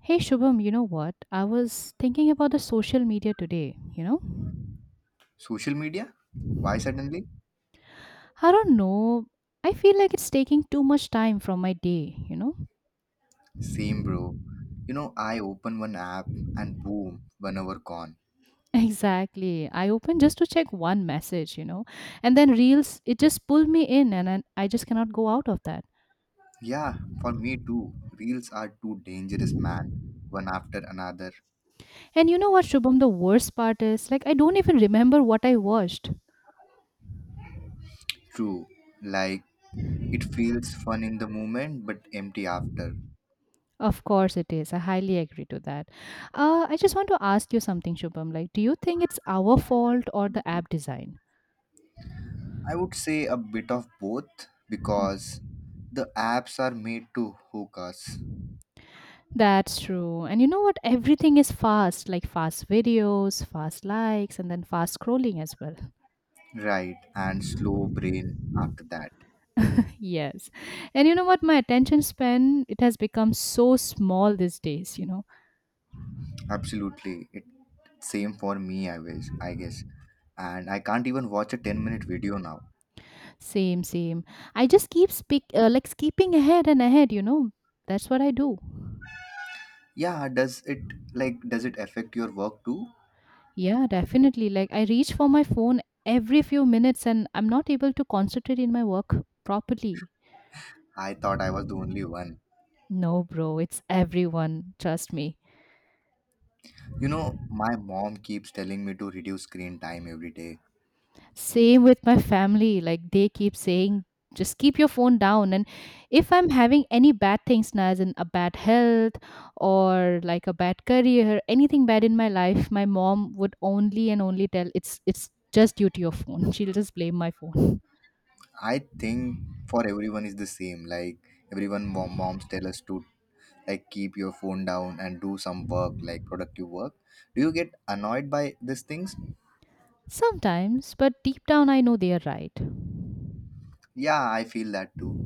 Hey Shubham, you know what? I was thinking about the social media today, you know? Social media? Why suddenly? I don't know. I feel like it's taking too much time from my day, you know? Same, bro. You know, I open one app and boom, 1 hour gone. Exactly. I open just to check one message, you know? And then reels, it just pull me in and I just cannot go out of that. Yeah, for me too. Reels are too dangerous, man. One after another. And you know what, Shubham, the worst part is like I don't even remember what I watched. True. Like, it feels fun in the moment but empty after. Of course it is. I highly agree to that. I just want to ask you something, Shubham. Like, do you think it's our fault or the app design? I would say a bit of both because the apps are made to hook us. That's true. And you know what? Everything is fast, like fast videos, fast likes, and then fast scrolling as well. Right, and slow brain after that. Yes. And you know what? My attention span, it has become so small these days, you know. Absolutely. It same for me, I wish, I guess. And I can't even watch a 10-minute video now. Same, same. I just keep speak like skipping ahead and ahead, you know. That's what I do. Yeah, does it affect your work too? Yeah, definitely. Like I reach for my phone every few minutes and I'm not able to concentrate in my work properly. I thought I was the only one. No, bro, it's everyone, trust me. You know, my mom keeps telling me to reduce screen time every day. Same with my family. Like they keep saying, just keep your phone down. And if I'm having any bad things now, as in a bad health or like a bad career, anything bad in my life, my mom would only and only tell it's just due to your phone. She'll just blame my phone. I think for everyone is the same. Like everyone moms tell us to like keep your phone down and do some work like productive work. Do you get annoyed by these things? Sometimes, but deep down I know they are right. Yeah, I feel that too.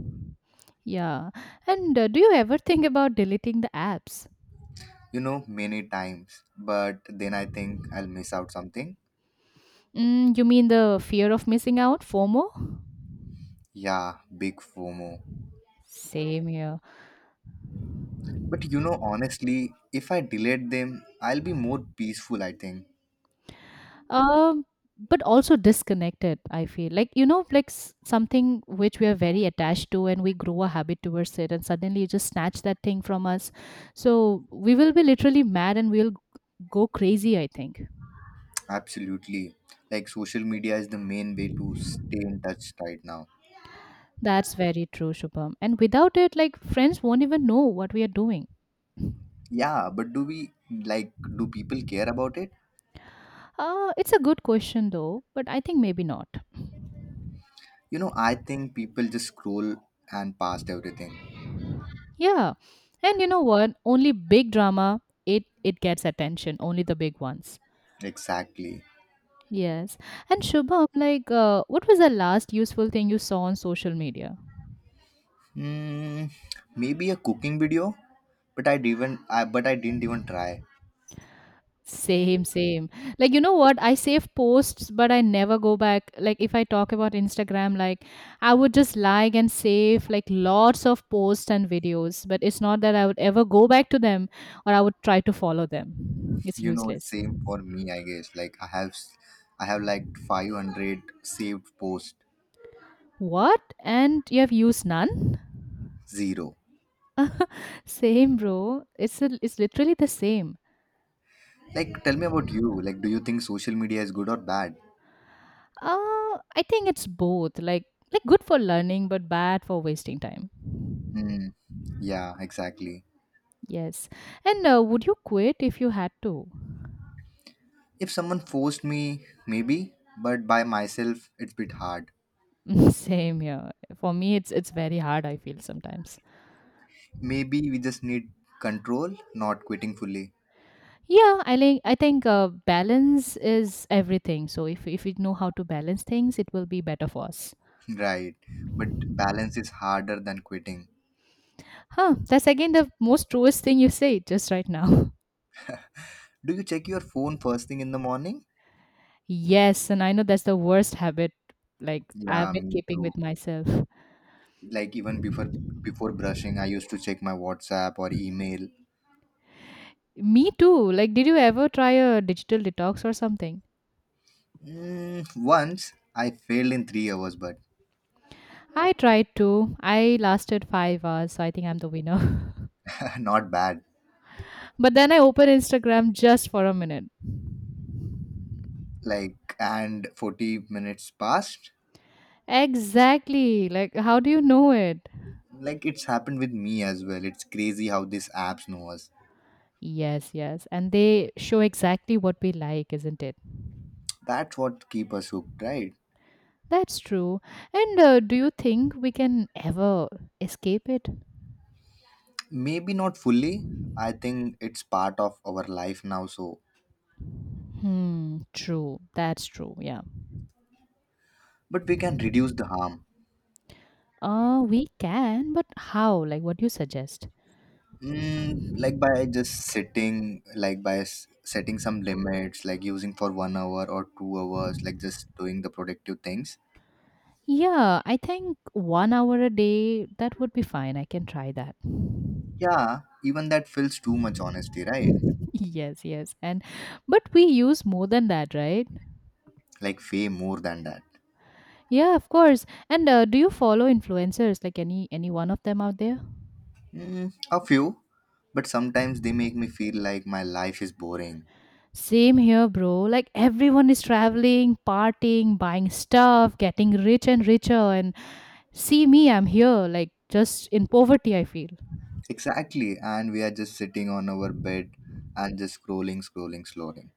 Yeah. And do you ever think about deleting the apps? You know, many times. But then I think I'll miss out something. Mm, you mean the fear of missing out, FOMO? Yeah, big FOMO. Same here. But you know, honestly, if I delete them, I'll be more peaceful, I think. um but also disconnected, I feel like, you know, like something which we are very attached to and we grow a habit towards it, and suddenly you just snatch that thing from us, so we will be literally mad and we'll go crazy, I think. Absolutely. Like, social media is the main way to stay in touch right now. That's very true, Shubham. And without it, like, friends won't even know what we are doing. Yeah, but like, do people care about it? It's a good question though, but I think maybe not. You know, I think people just scroll and past everything. Yeah. And you know what, only big drama, it gets attention, only the big ones. Exactly. Yes. And Shubham, like, what was the last useful thing you saw on social media? Hmm, Maybe a cooking video, but I didn't. I but I didn't even try. Same, same. Like, you know what? I save posts, but I never go back. Like, if I talk about Instagram, like, I would just like and save like lots of posts and videos, but it's not that I would ever go back to them or I would try to follow them. It's You know, it's useless. same for me, I guess. Like I have like 500 saved post. What? And you have used none? Zero. Same, bro. It's literally the same. Like, tell me about you. Like, do you think social media is good or bad? I think it's both. Like good for learning, but bad for wasting time. Hmm. Yeah, exactly. Yes. And would you quit if you had to? If someone forced me, maybe, but by myself, it's bit hard. Same here. For me, it's very hard, I feel sometimes. Maybe we just need control, not quitting fully. Yeah, I think balance is everything. So if we know how to balance things, it will be better for us. Right. But balance is harder than quitting. Huh? That's again the most truest thing you say just right now. Do you check your phone first thing in the morning? Yes, and I know that's the worst habit. Like I've Yeah, been me keeping too. with myself. Like, even before brushing, I used to check my WhatsApp or email. Me too. Like, did you ever try a digital detox or something? Once I failed in 3 hours but I tried to. I lasted 5 hours, so I think I'm the winner. not bad. But then I opened Instagram just for a minute. Like, and 40 minutes passed. Exactly. Like, how do you know it? Like, it's happened with me as well. It's crazy how these apps know us. Yes, yes. And they show exactly what we like, isn't it? That's what keep us hooked, right? That's true. And do you think we can ever escape it? Maybe not fully. I think it's part of our life now, so... Hmm, true. That's true. Yeah. But we can reduce the harm. We can, but how? Like, what do you suggest? Like, by just sitting, like by setting some limits, like using for 1 hour or 2 hours, like just doing the productive things. Yeah, I think 1 hour a day, that would be fine. I can try that. Yeah, even that feels too much, honestly, right? Yes, yes. And but we use more than that, right? Like way more than that. Yeah, of course. And do you follow influencers like any one of them out there? A few, but sometimes they make me feel like my life is boring. Same here, bro. Like everyone is traveling, partying, buying stuff, getting rich and richer, and see me, I'm here like just in poverty, I feel. Exactly, and we are just sitting on our bed and just scrolling, scrolling, scrolling.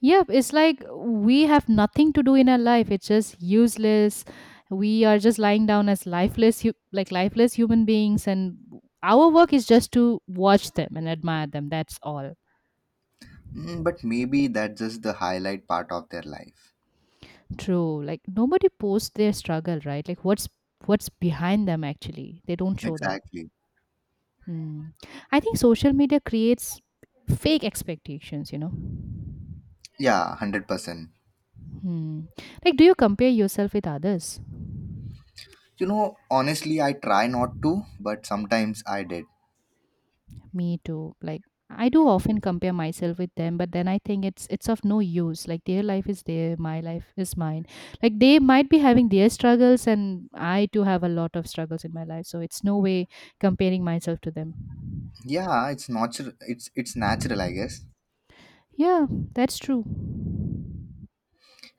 Yep, it's like we have nothing to do in our life. It's just useless. We are just lying down as lifeless, like lifeless human beings, and our work is just to watch them and admire them. That's all. But maybe that's just the highlight part of their life. True. Like nobody posts their struggle, right? Like what's behind them actually. They don't show that. Exactly. Hmm. I think social media creates fake expectations, you know. Yeah, 100%. Hmm. Like, do you compare yourself with others? You know, honestly, I try not to, but sometimes I did. Me too. Like I do often compare myself with them, but then I think it's of no use. Like their life is their, my life is mine. Like they might be having their struggles and I too have a lot of struggles in my life. So it's no way comparing myself to them. Yeah, it's natural. It's natural, I guess. Yeah, that's true.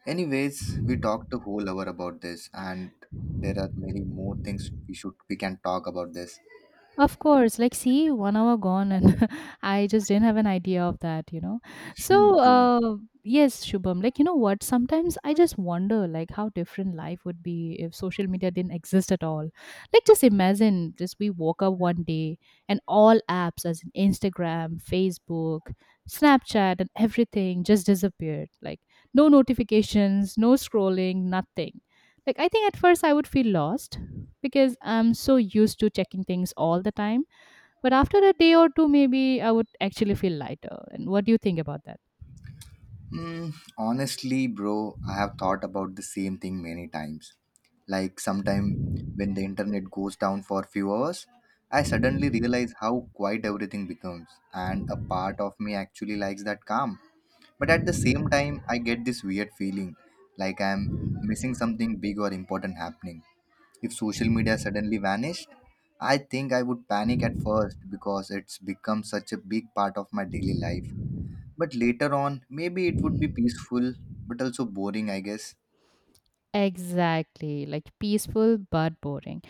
Anyways, we talked a whole hour about this, and there are many more things we can talk about this. Of course, like see, one hour gone, and I just didn't have an idea of that, you know. Hmm, So, true. uh, yes, Shubham, like you know what? Sometimes I just wonder, like, how different life would be if social media didn't exist at all. Like, just imagine, just we woke up one day and all apps, as in Instagram, Facebook, Snapchat, and everything, just disappeared. Like, no notifications, no scrolling, nothing. Like, I think at first I would feel lost because I'm so used to checking things all the time. But after a day or two, maybe I would actually feel lighter. And what do you think about that? Honestly, bro, I have thought about the same thing many times. Like sometime when the internet goes down for a few hours, I suddenly realize how quiet everything becomes, and a part of me actually likes that calm. But at the same time, I get this weird feeling like I'm missing something big or important happening. If social media suddenly vanished, I think I would panic at first because it's become such a big part of my daily life. But later on, maybe it would be peaceful but also boring, I guess. Exactly, like peaceful but boring.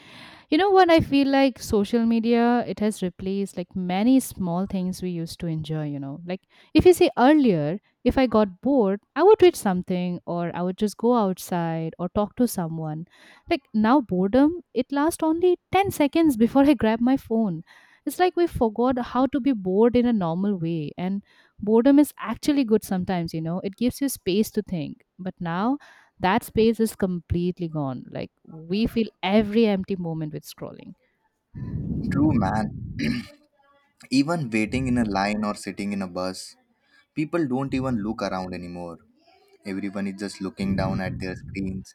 You know what? I feel like social media, it has replaced like many small things we used to enjoy, you know. Like if you say earlier, if I got bored, I would read something or I would just go outside or talk to someone. Like now, boredom, it lasts only 10 seconds before I grab my phone. It's like we forgot how to be bored in a normal way. And boredom is actually good sometimes, you know, it gives you space to think. But now, that space is completely gone, like we feel every empty moment with scrolling. True, man. Even waiting in a line or sitting in a bus, people don't even look around anymore. Everyone is just looking down at their screens.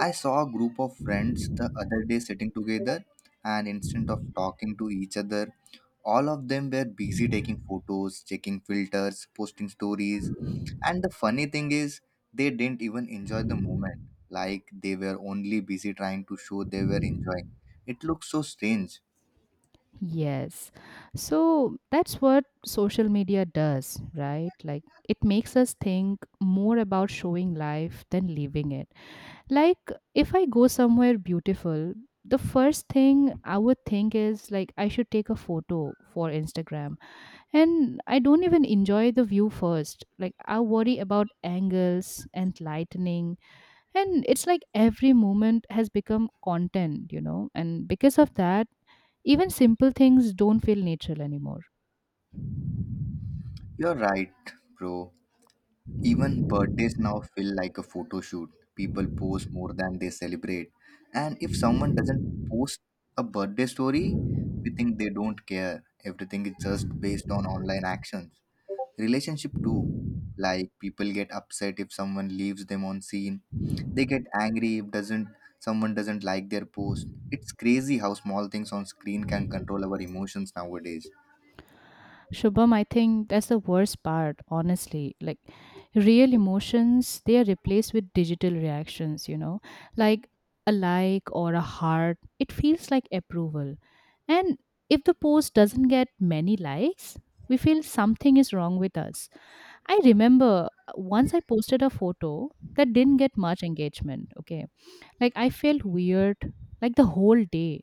I saw a group of friends the other day sitting together, and instead of talking to each other, all of them were busy taking photos, checking filters, posting stories. And the funny thing is, they didn't even enjoy the moment. Like they were only busy trying to show they were enjoying. It looks so strange. Yes. So that's what social media does, right? Like it makes us think more about showing life than living it. Like if I go somewhere beautiful, the first thing I would think is like I should take a photo for Instagram. And I don't even enjoy the view first. Like I worry about angles and lightning, and it's like every moment has become content, you know, and because of that even simple things don't feel natural anymore. You're right, bro. Even birthdays now feel like a photo shoot. People post more than they celebrate. And if someone doesn't post a birthday story, we think they don't care. Everything is just based on online actions. Relationship too. Like people get upset if someone leaves them on scene. They get angry if doesn't someone doesn't like their post. It's crazy how small things on screen can control our emotions nowadays. Shubham, I think that's the worst part, honestly. Like real emotions, they are replaced with digital reactions, you know. Like a like or a heart, it feels like approval. And if the post doesn't get many likes, we feel something is wrong with us. I remember once I posted a photo that didn't get much engagement, okay. Like I felt weird like the whole day,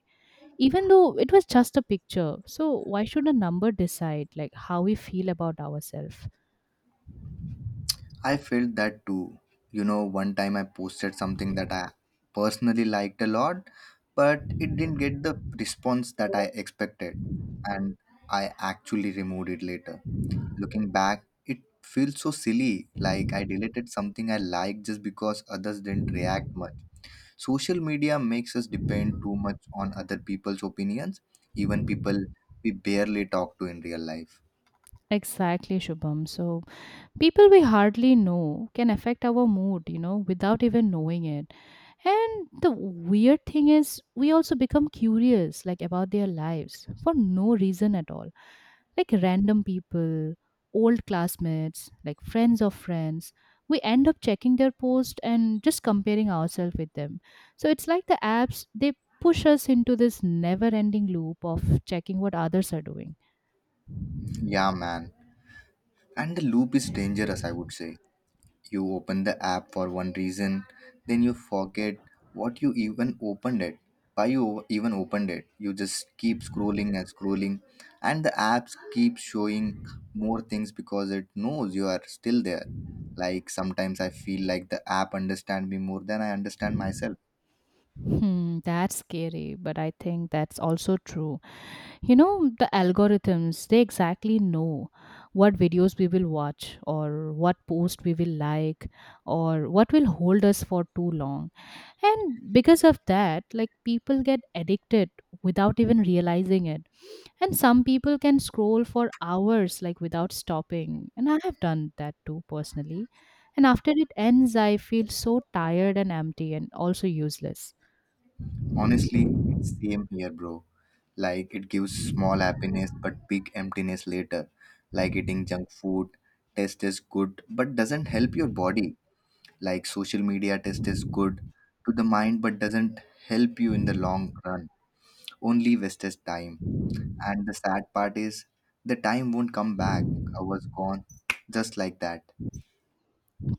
even though it was just a picture. So why should a number decide like how we feel about ourselves? I felt that too. You know, one time I posted something that I personally liked a lot, but it didn't get the response that I expected, and I actually removed it later. Looking back, it feels so silly, like I deleted something I liked just because others didn't react much. Social media makes us depend too much on other people's opinions, even people we barely talk to in real life. Exactly, Shubham. So people we hardly know can affect our mood, you know, without even knowing it. And the weird thing is, we also become curious, like about their lives for no reason at all. Like random people, old classmates, like friends of friends. We end up checking their post and just comparing ourselves with them. So it's like the apps, they push us into this never ending loop of checking what others are doing. Yeah, man. And the loop is dangerous, I would say. You open the app for one reason, then you forget what you even opened it. Why you even opened it? You just keep scrolling and scrolling, and the apps keep showing more things because it knows you are still there. Like sometimes I feel like the app understand me more than I understand myself. Hmm, that's scary, but I think that's also true. You know, the algorithms, they exactly know what videos we will watch or what post we will like or what will hold us for too long. And because of that, like people get addicted without even realizing it. And some people can scroll for hours, like without stopping. And I have done that too personally. And after it ends, I feel so tired and empty and also useless. Honestly, it's same here, bro. Like it gives small happiness but big emptiness later. Like eating junk food, taste is good but doesn't help your body. Like social media test is good to the mind but doesn't help you in the long run, only wastes time. And the sad part is, the time won't come back. I was gone, just like that.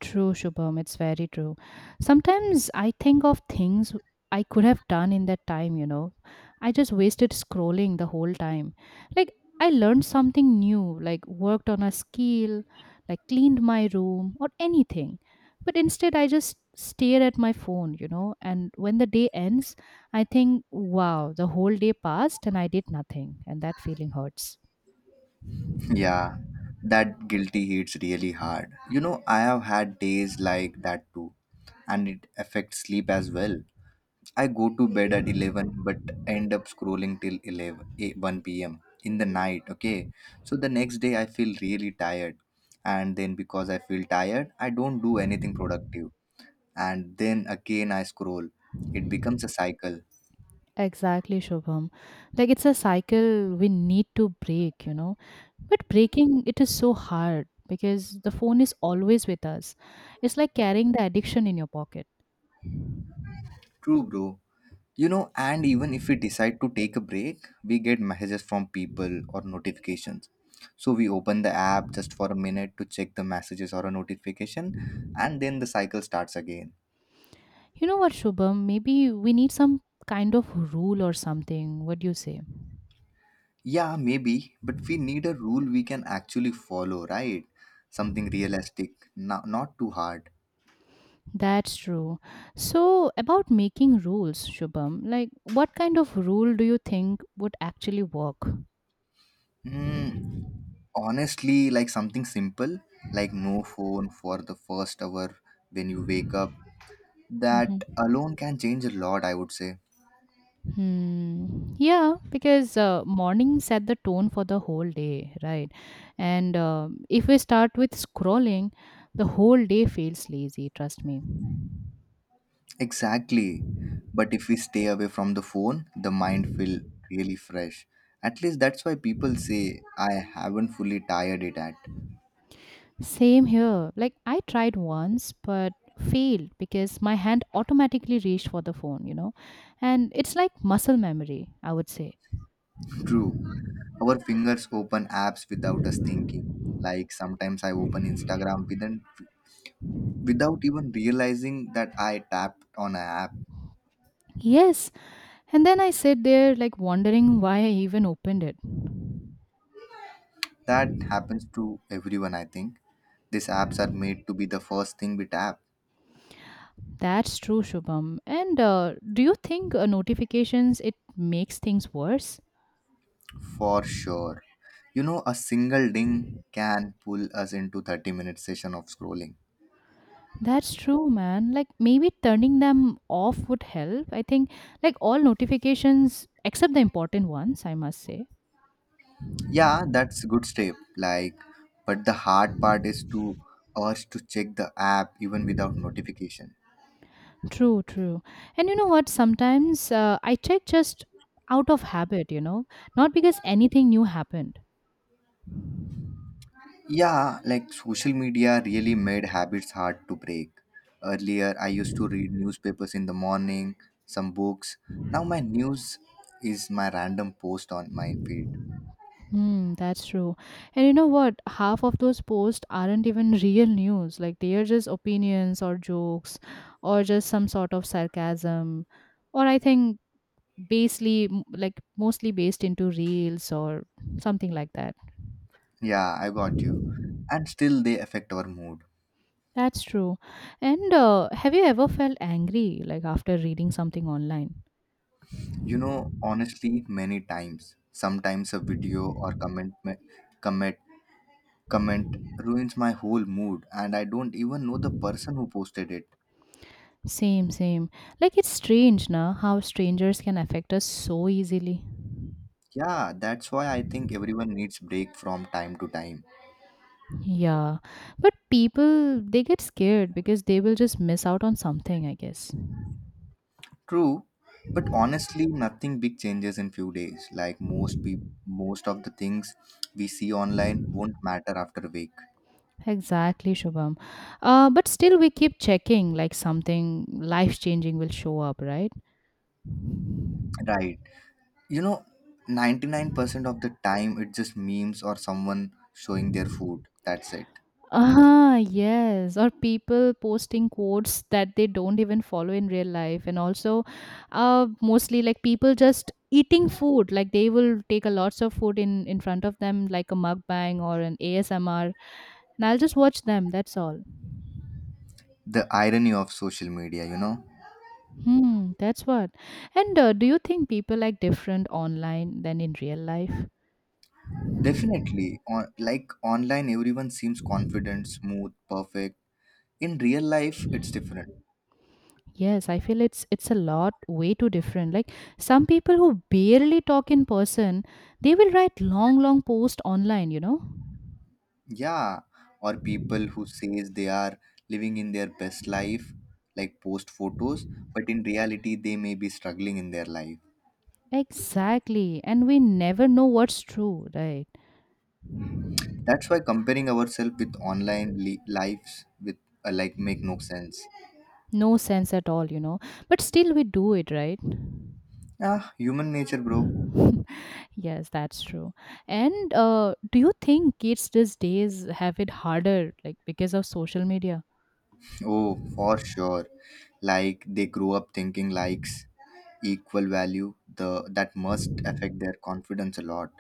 True, Shubham. It's very true. Sometimes I think of things I could have done in that time, you know. I just wasted scrolling the whole time. Like, I learned something new, like worked on a skill, like cleaned my room, or anything. But instead, I just stare at my phone, you know. And when the day ends, I think, wow, the whole day passed and I did nothing. And that feeling hurts. Yeah, that guilty hits really hard, you know. I have had days like that too. And it affects sleep as well. I go to bed at 11, but end up scrolling till 1 p.m. in the night, okay. So the next day I feel really tired, and then because I feel tired I don't do anything productive, and then again I scroll. It becomes a cycle. Exactly, Shubham. Like it's a cycle we need to break, you know. But breaking it is so hard because the phone is always with us. It's like carrying the addiction in your pocket. True, bro. You know, and even if we decide to take a break, we get messages from people or notifications, so we open the app just for a minute to check the messages or a notification, and then the cycle starts again. You know what, Shubham? Maybe we need some kind of rule or something. What do you say? Yeah, maybe, but we need a rule we can actually follow, right? Something realistic, not too hard. That's true. So, about making rules, Shubham, like what kind of rule do you think would actually work? Hmm. Honestly, like something simple, like no phone for the first hour when you wake up. Mm-hmm. That alone can change a lot, I would say. Hmm. Yeah, because morning set the tone for the whole day, right? And if we start with scrolling, the whole day feels lazy, trust me. Exactly. But if we stay away from the phone, the mind feel really fresh. At least that's why people say I haven't fully tired it at. Same here. Like, I tried once, but failed because my hand automatically reached for the phone, you know? And it's like muscle memory, I would say. True. Our fingers open apps without us thinking. Like sometimes I open Instagram without even realizing that I tapped on an app. Yes. And then I sit there, like, wondering why I even opened it. That happens to everyone, I think. These apps are made to be the first thing we tap, That's true, Shubham. And do you think notifications it makes things worse? for sure. You know, a single ding can pull us into 30-minute session of scrolling. That's true, man. Like maybe turning them off would help. I think like all notifications except the important ones, I must say. Yeah, that's a good step. Like, but the hard part is to us to check the app even without notification. True, true. And you know what? Sometimes I check just out of habit, not because anything new happened. Yeah, like social media really made habits hard to break. Earlier, I used to read newspapers in the morning, some books. Now, my news is my random post on my feed. Hmm, that's true. And you know what? Half of those posts aren't even real news. Like they are just opinions or jokes or just some sort of sarcasm. Or I think like mostly based into reels or something like that. Yeah, I got you. And still, they affect our mood. That's true. And have you ever felt angry like after reading something online? You know, honestly, many times. Sometimes a video or comment, comment ruins my whole mood, and I don't even know the person who posted it. Same, same. Like it's strange, na, how strangers can affect us so easily. Yeah, that's why I think everyone needs break from time to time. Yeah, but people they get scared because they will just miss out on something, I guess. True, but honestly, nothing big changes in few days. Like most of the things we see online won't matter after a week. Exactly, Shubham. But still, we keep checking like something life changing will show up, right? Right. You know, 99% of the time it's just memes or someone showing their food. That's it. Ah, yes. Or people posting quotes that they don't even follow in real life, and also, mostly like people just eating food like they will take a lots of food in front of them like a mukbang or an ASMR, and I'll just watch them. That's all. The irony of social media, you know? Hmm, that's what. And do you think people act different online than in real life? Definitely. Like online, everyone seems confident, smooth, perfect. In real life, it's different. Yes, I feel it's a lot way too different. Like some people who barely talk in person, they will write long long posts online, you know? Yeah, or people who says they are living in their best life, like post photos, but in reality they may be struggling in their life. Exactly. And we never know what's true, right? That's why comparing ourselves with online lives with like make no sense. No sense at all. But still we do it, right? Ah, human nature, bro. Yes, that's true. And do you think kids these days have it harder like because of social media? Oh, for sure. Like they grow up thinking likes equal value, the that must affect their confidence a lot.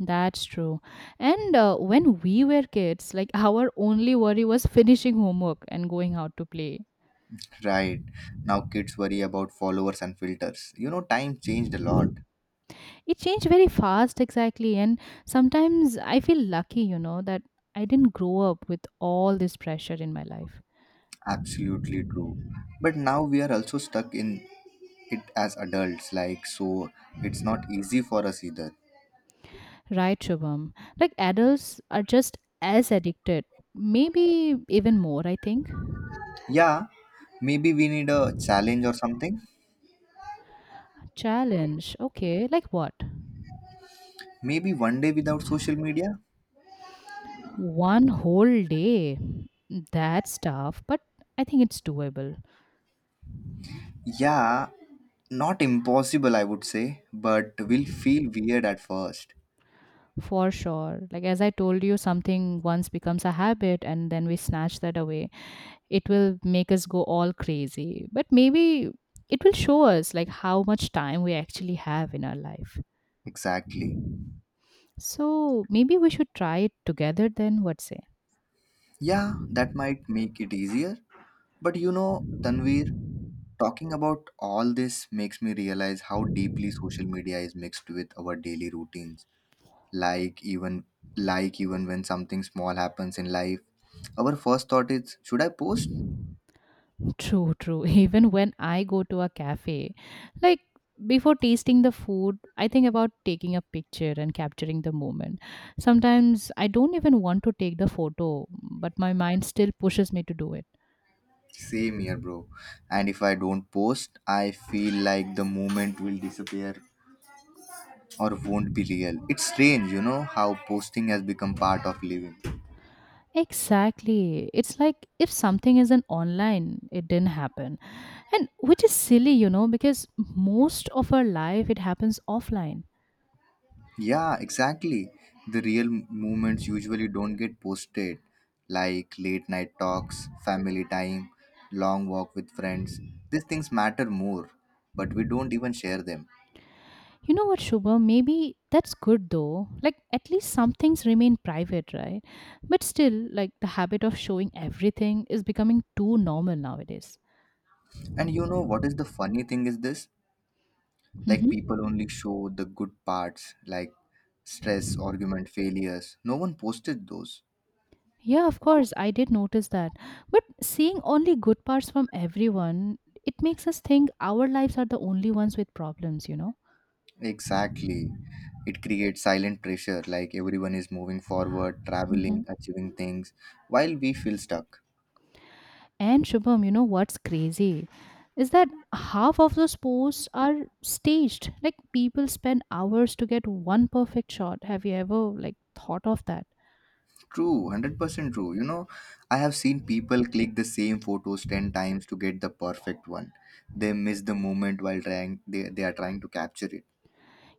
That's true. And when we were kids, like our only worry was finishing homework and going out to play. Right. Now kids worry about followers and filters, time changed a lot. It changed very fast, exactly. And sometimes I feel lucky, that I didn't grow up with all this pressure in my life. Absolutely true, but now we are also stuck in it as adults, like, so it's not easy for us either. Right, Shubham? Like adults are just as addicted, maybe even more, I think. Yeah, maybe we need a challenge or something. Challenge. Okay, like what? Maybe one day without social media. One whole day. That's tough, but I think it's doable. Yeah, not impossible, I would say, but will feel weird at first. For sure. Like, as I told you, something once becomes a habit and then we snatch that away. It will make us go all crazy. But maybe it will show us like how much time we actually have in our life. Exactly. So maybe we should try it together then, what say? Yeah, that might make it easier. But you know, Tanvir, talking about all this makes me realize how deeply social media is mixed with our daily routines. Like even like even when something small happens in life, our first thought is, should I post? True, true. Even when I go to a cafe, like before tasting the food, I think about taking a picture and capturing the moment. Sometimes I don't even want to take the photo, but my mind still pushes me to do it. Same here, bro. And if I don't post, I feel like the moment will disappear or won't be real. It's strange, you know how posting has become part of living. Exactly. It's like if something isn't online, it didn't happen. And which is silly, because most of our life it happens offline. Yeah, exactly. The real moments usually don't get posted, like late night talks, family time, long walk with friends. These things matter more, but we don't even share them. You know what, Shubha? Maybe that's good though. Like at least some things remain private, right? But still, like the habit of showing everything is becoming too normal nowadays. And you know what is the funny thing is this? Like Hmm. people only show the good parts, like stress, argument, failures. No one posted those. Yeah, of course, I did notice that. But seeing only good parts from everyone, it makes us think our lives are the only ones with problems, you know? Exactly. It creates silent pressure, like everyone is moving forward, Mm-hmm. traveling, achieving things, while we feel stuck. And Shubham, you know what's crazy is that half of those posts are staged. Like people spend hours to get one perfect shot. Have you ever like thought of that? True, 100% true. You know, I have seen people click the same photos 10 times to get the perfect one. They miss the moment while trying, they are trying to capture.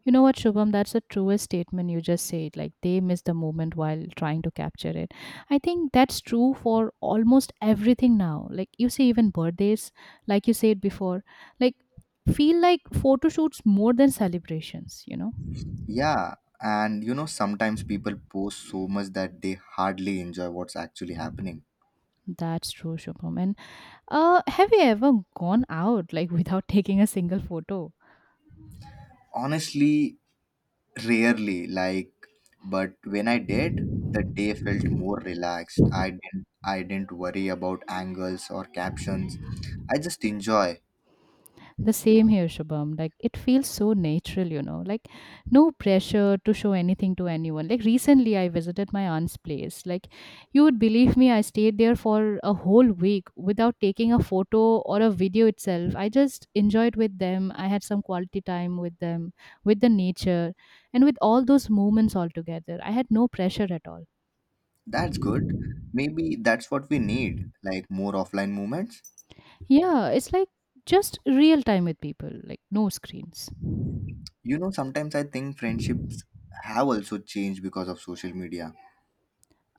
You know what, Shubham? That's the truest statement you just said. Like they miss the moment while trying to capture it. I think that's true for almost everything now. Like you see, even birthdays, like you said before, like feel like photo shoots more than celebrations. You know, Yeah, and you know, sometimes people post so much that they hardly enjoy what's actually happening. that's true, Shubham. And have you ever gone out like without taking a single photo? Honestly, rarely, like, but when I did, the day felt more relaxed. I didn't worry about angles or captions. I just enjoy. The same here, Shubham. Like it feels so natural, you know. Like no pressure to show anything to anyone. Like recently, I visited my aunt's place. Like you would believe me, I stayed there for a whole week without taking a photo or a video itself. I just enjoyed with them. I had some quality time with them, with the nature, and with all those moments all together. I had no pressure at all. That's good. Maybe that's what we need, like more offline moments. Yeah, it's like just real time with people, like no screens. You know, sometimes I think friendships have also changed because of social media.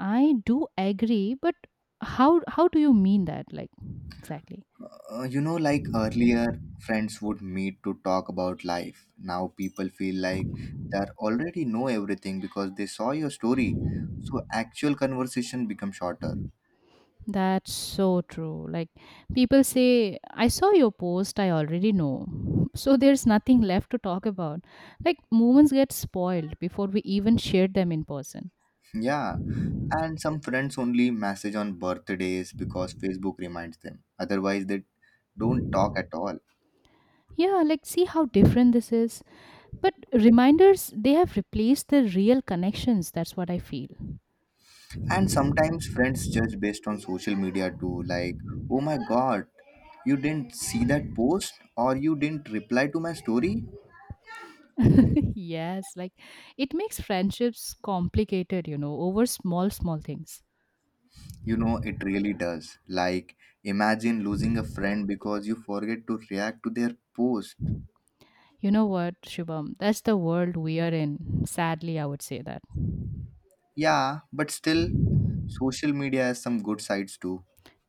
I do agree, but how do you mean that? Like exactly. You know, like earlier, friends would meet to talk about life. Now people feel like they already know everything because they saw your story. So actual conversation becomes shorter. That's so true. Like people say, I saw your post, I already know. So there's nothing left to talk about. Like moments get spoiled before we even shared them in person. Yeah. And some friends only message on birthdays because Facebook reminds them. Otherwise, they don't talk at all. Yeah, like see how different this is. But reminders, they have replaced the real connections. That's what I feel. And sometimes friends judge based on social media too, like, oh my god, you didn't see that post or you didn't reply to my story. Yes, like it makes friendships complicated, over small, small things. You know, it really does. Like, imagine losing a friend because you forget to react to their post. You know what, Shubham? That's the world we are in. Sadly, I would say that. Yeah, but still, social media has some good sides too.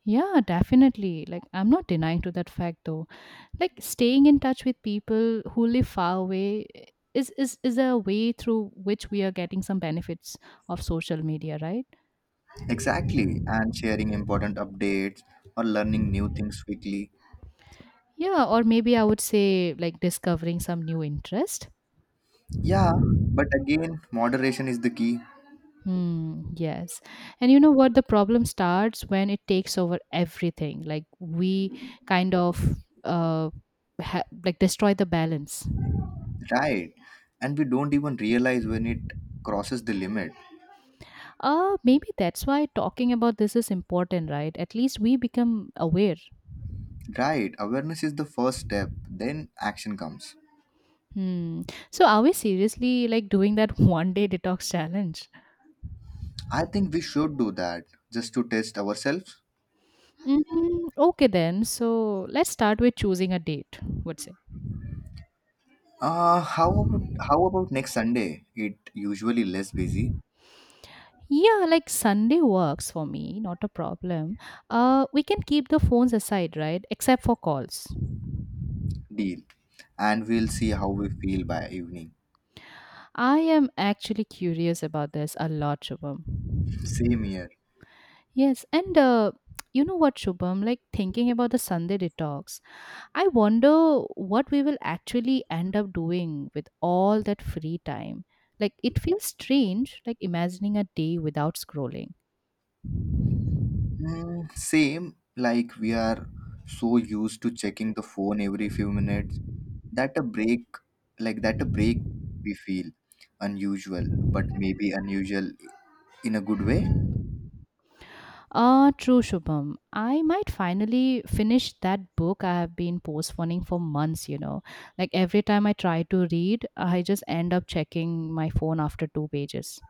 Yeah, definitely. Like, I'm not denying to that fact though. Like, staying in touch with people who live far away is a way through which we are getting some benefits of social media, right? Exactly, and sharing important updates or learning new things quickly. Yeah, or maybe I would say like discovering some new interest. Yeah, but again, moderation is the key. Hmm, yes. And you know what? The problem starts when it takes over everything. Like we kind of uh like destroy the balance. Right, and we don't even realize when it crosses the limit. Maybe that's why talking about this is important, right? At least we become aware. Right, awareness is the first step, then action comes. Hmm. So are we seriously like doing that one day detox challenge? I think we should do that just to test ourselves. Mm, okay then. So let's start with choosing a date, would say. Uh, how about how about next Sunday? It usually less busy. Yeah, like Sunday works for me, not a problem. We can keep the phones aside, right? Except for calls. Deal, and we'll see how we feel by evening. I am actually curious about this a lot, Same Shubham. here. Yes, and you know what, Shubham? Like thinking about the Sunday detox, I wonder what we will actually end up doing with all that free time. Like it feels strange, like imagining a day without scrolling. Hmm, same. Like we are so used to checking the phone every few minutes, that a break, like that a break we feel unusual. But maybe unusual in a good way. Ah, true, Shubham. I might finally finish that book I have been postponing for months, you know. Like every time I try to read, I just end up checking my phone after two pages.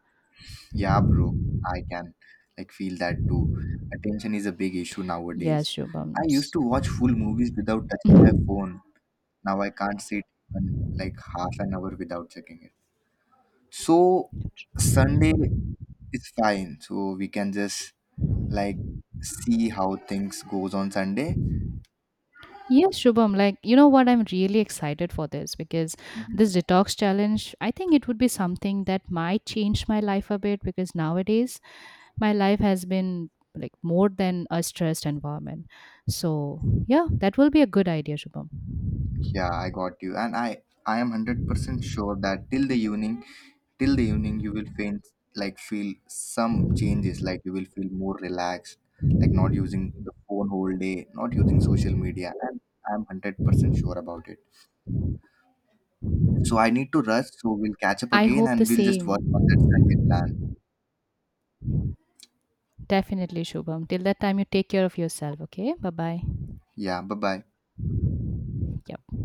Yeah, bro, I can, like, feel that too. Attention is a big issue Yes, nowadays. I Shubham. used to watch full movies without touching my phone. Now I can't sit even like half an hour without checking it. So Sunday is fine. So we can just, like, see how things goes on Sunday. Yes, Shubham. Like, you know what? I'm really excited for this because Mhm. this detox challenge, I think it would be something that might change my life a bit because nowadays my life has been like more than a stressed environment. So, yeah, that will be a good idea, Shubham. Yeah, I got you. And I am 100% sure that till the evening you will feel some changes, like you will feel more relaxed, like not using the phone whole day, not using social media. And I'm 100% sure about it. So I need to rush. So we'll catch up I again hope the and we'll just work on that same. Sunday plan. Definitely, Shubham. Till that time, you take care of yourself, okay? Bye bye. Yeah, bye bye. Yep.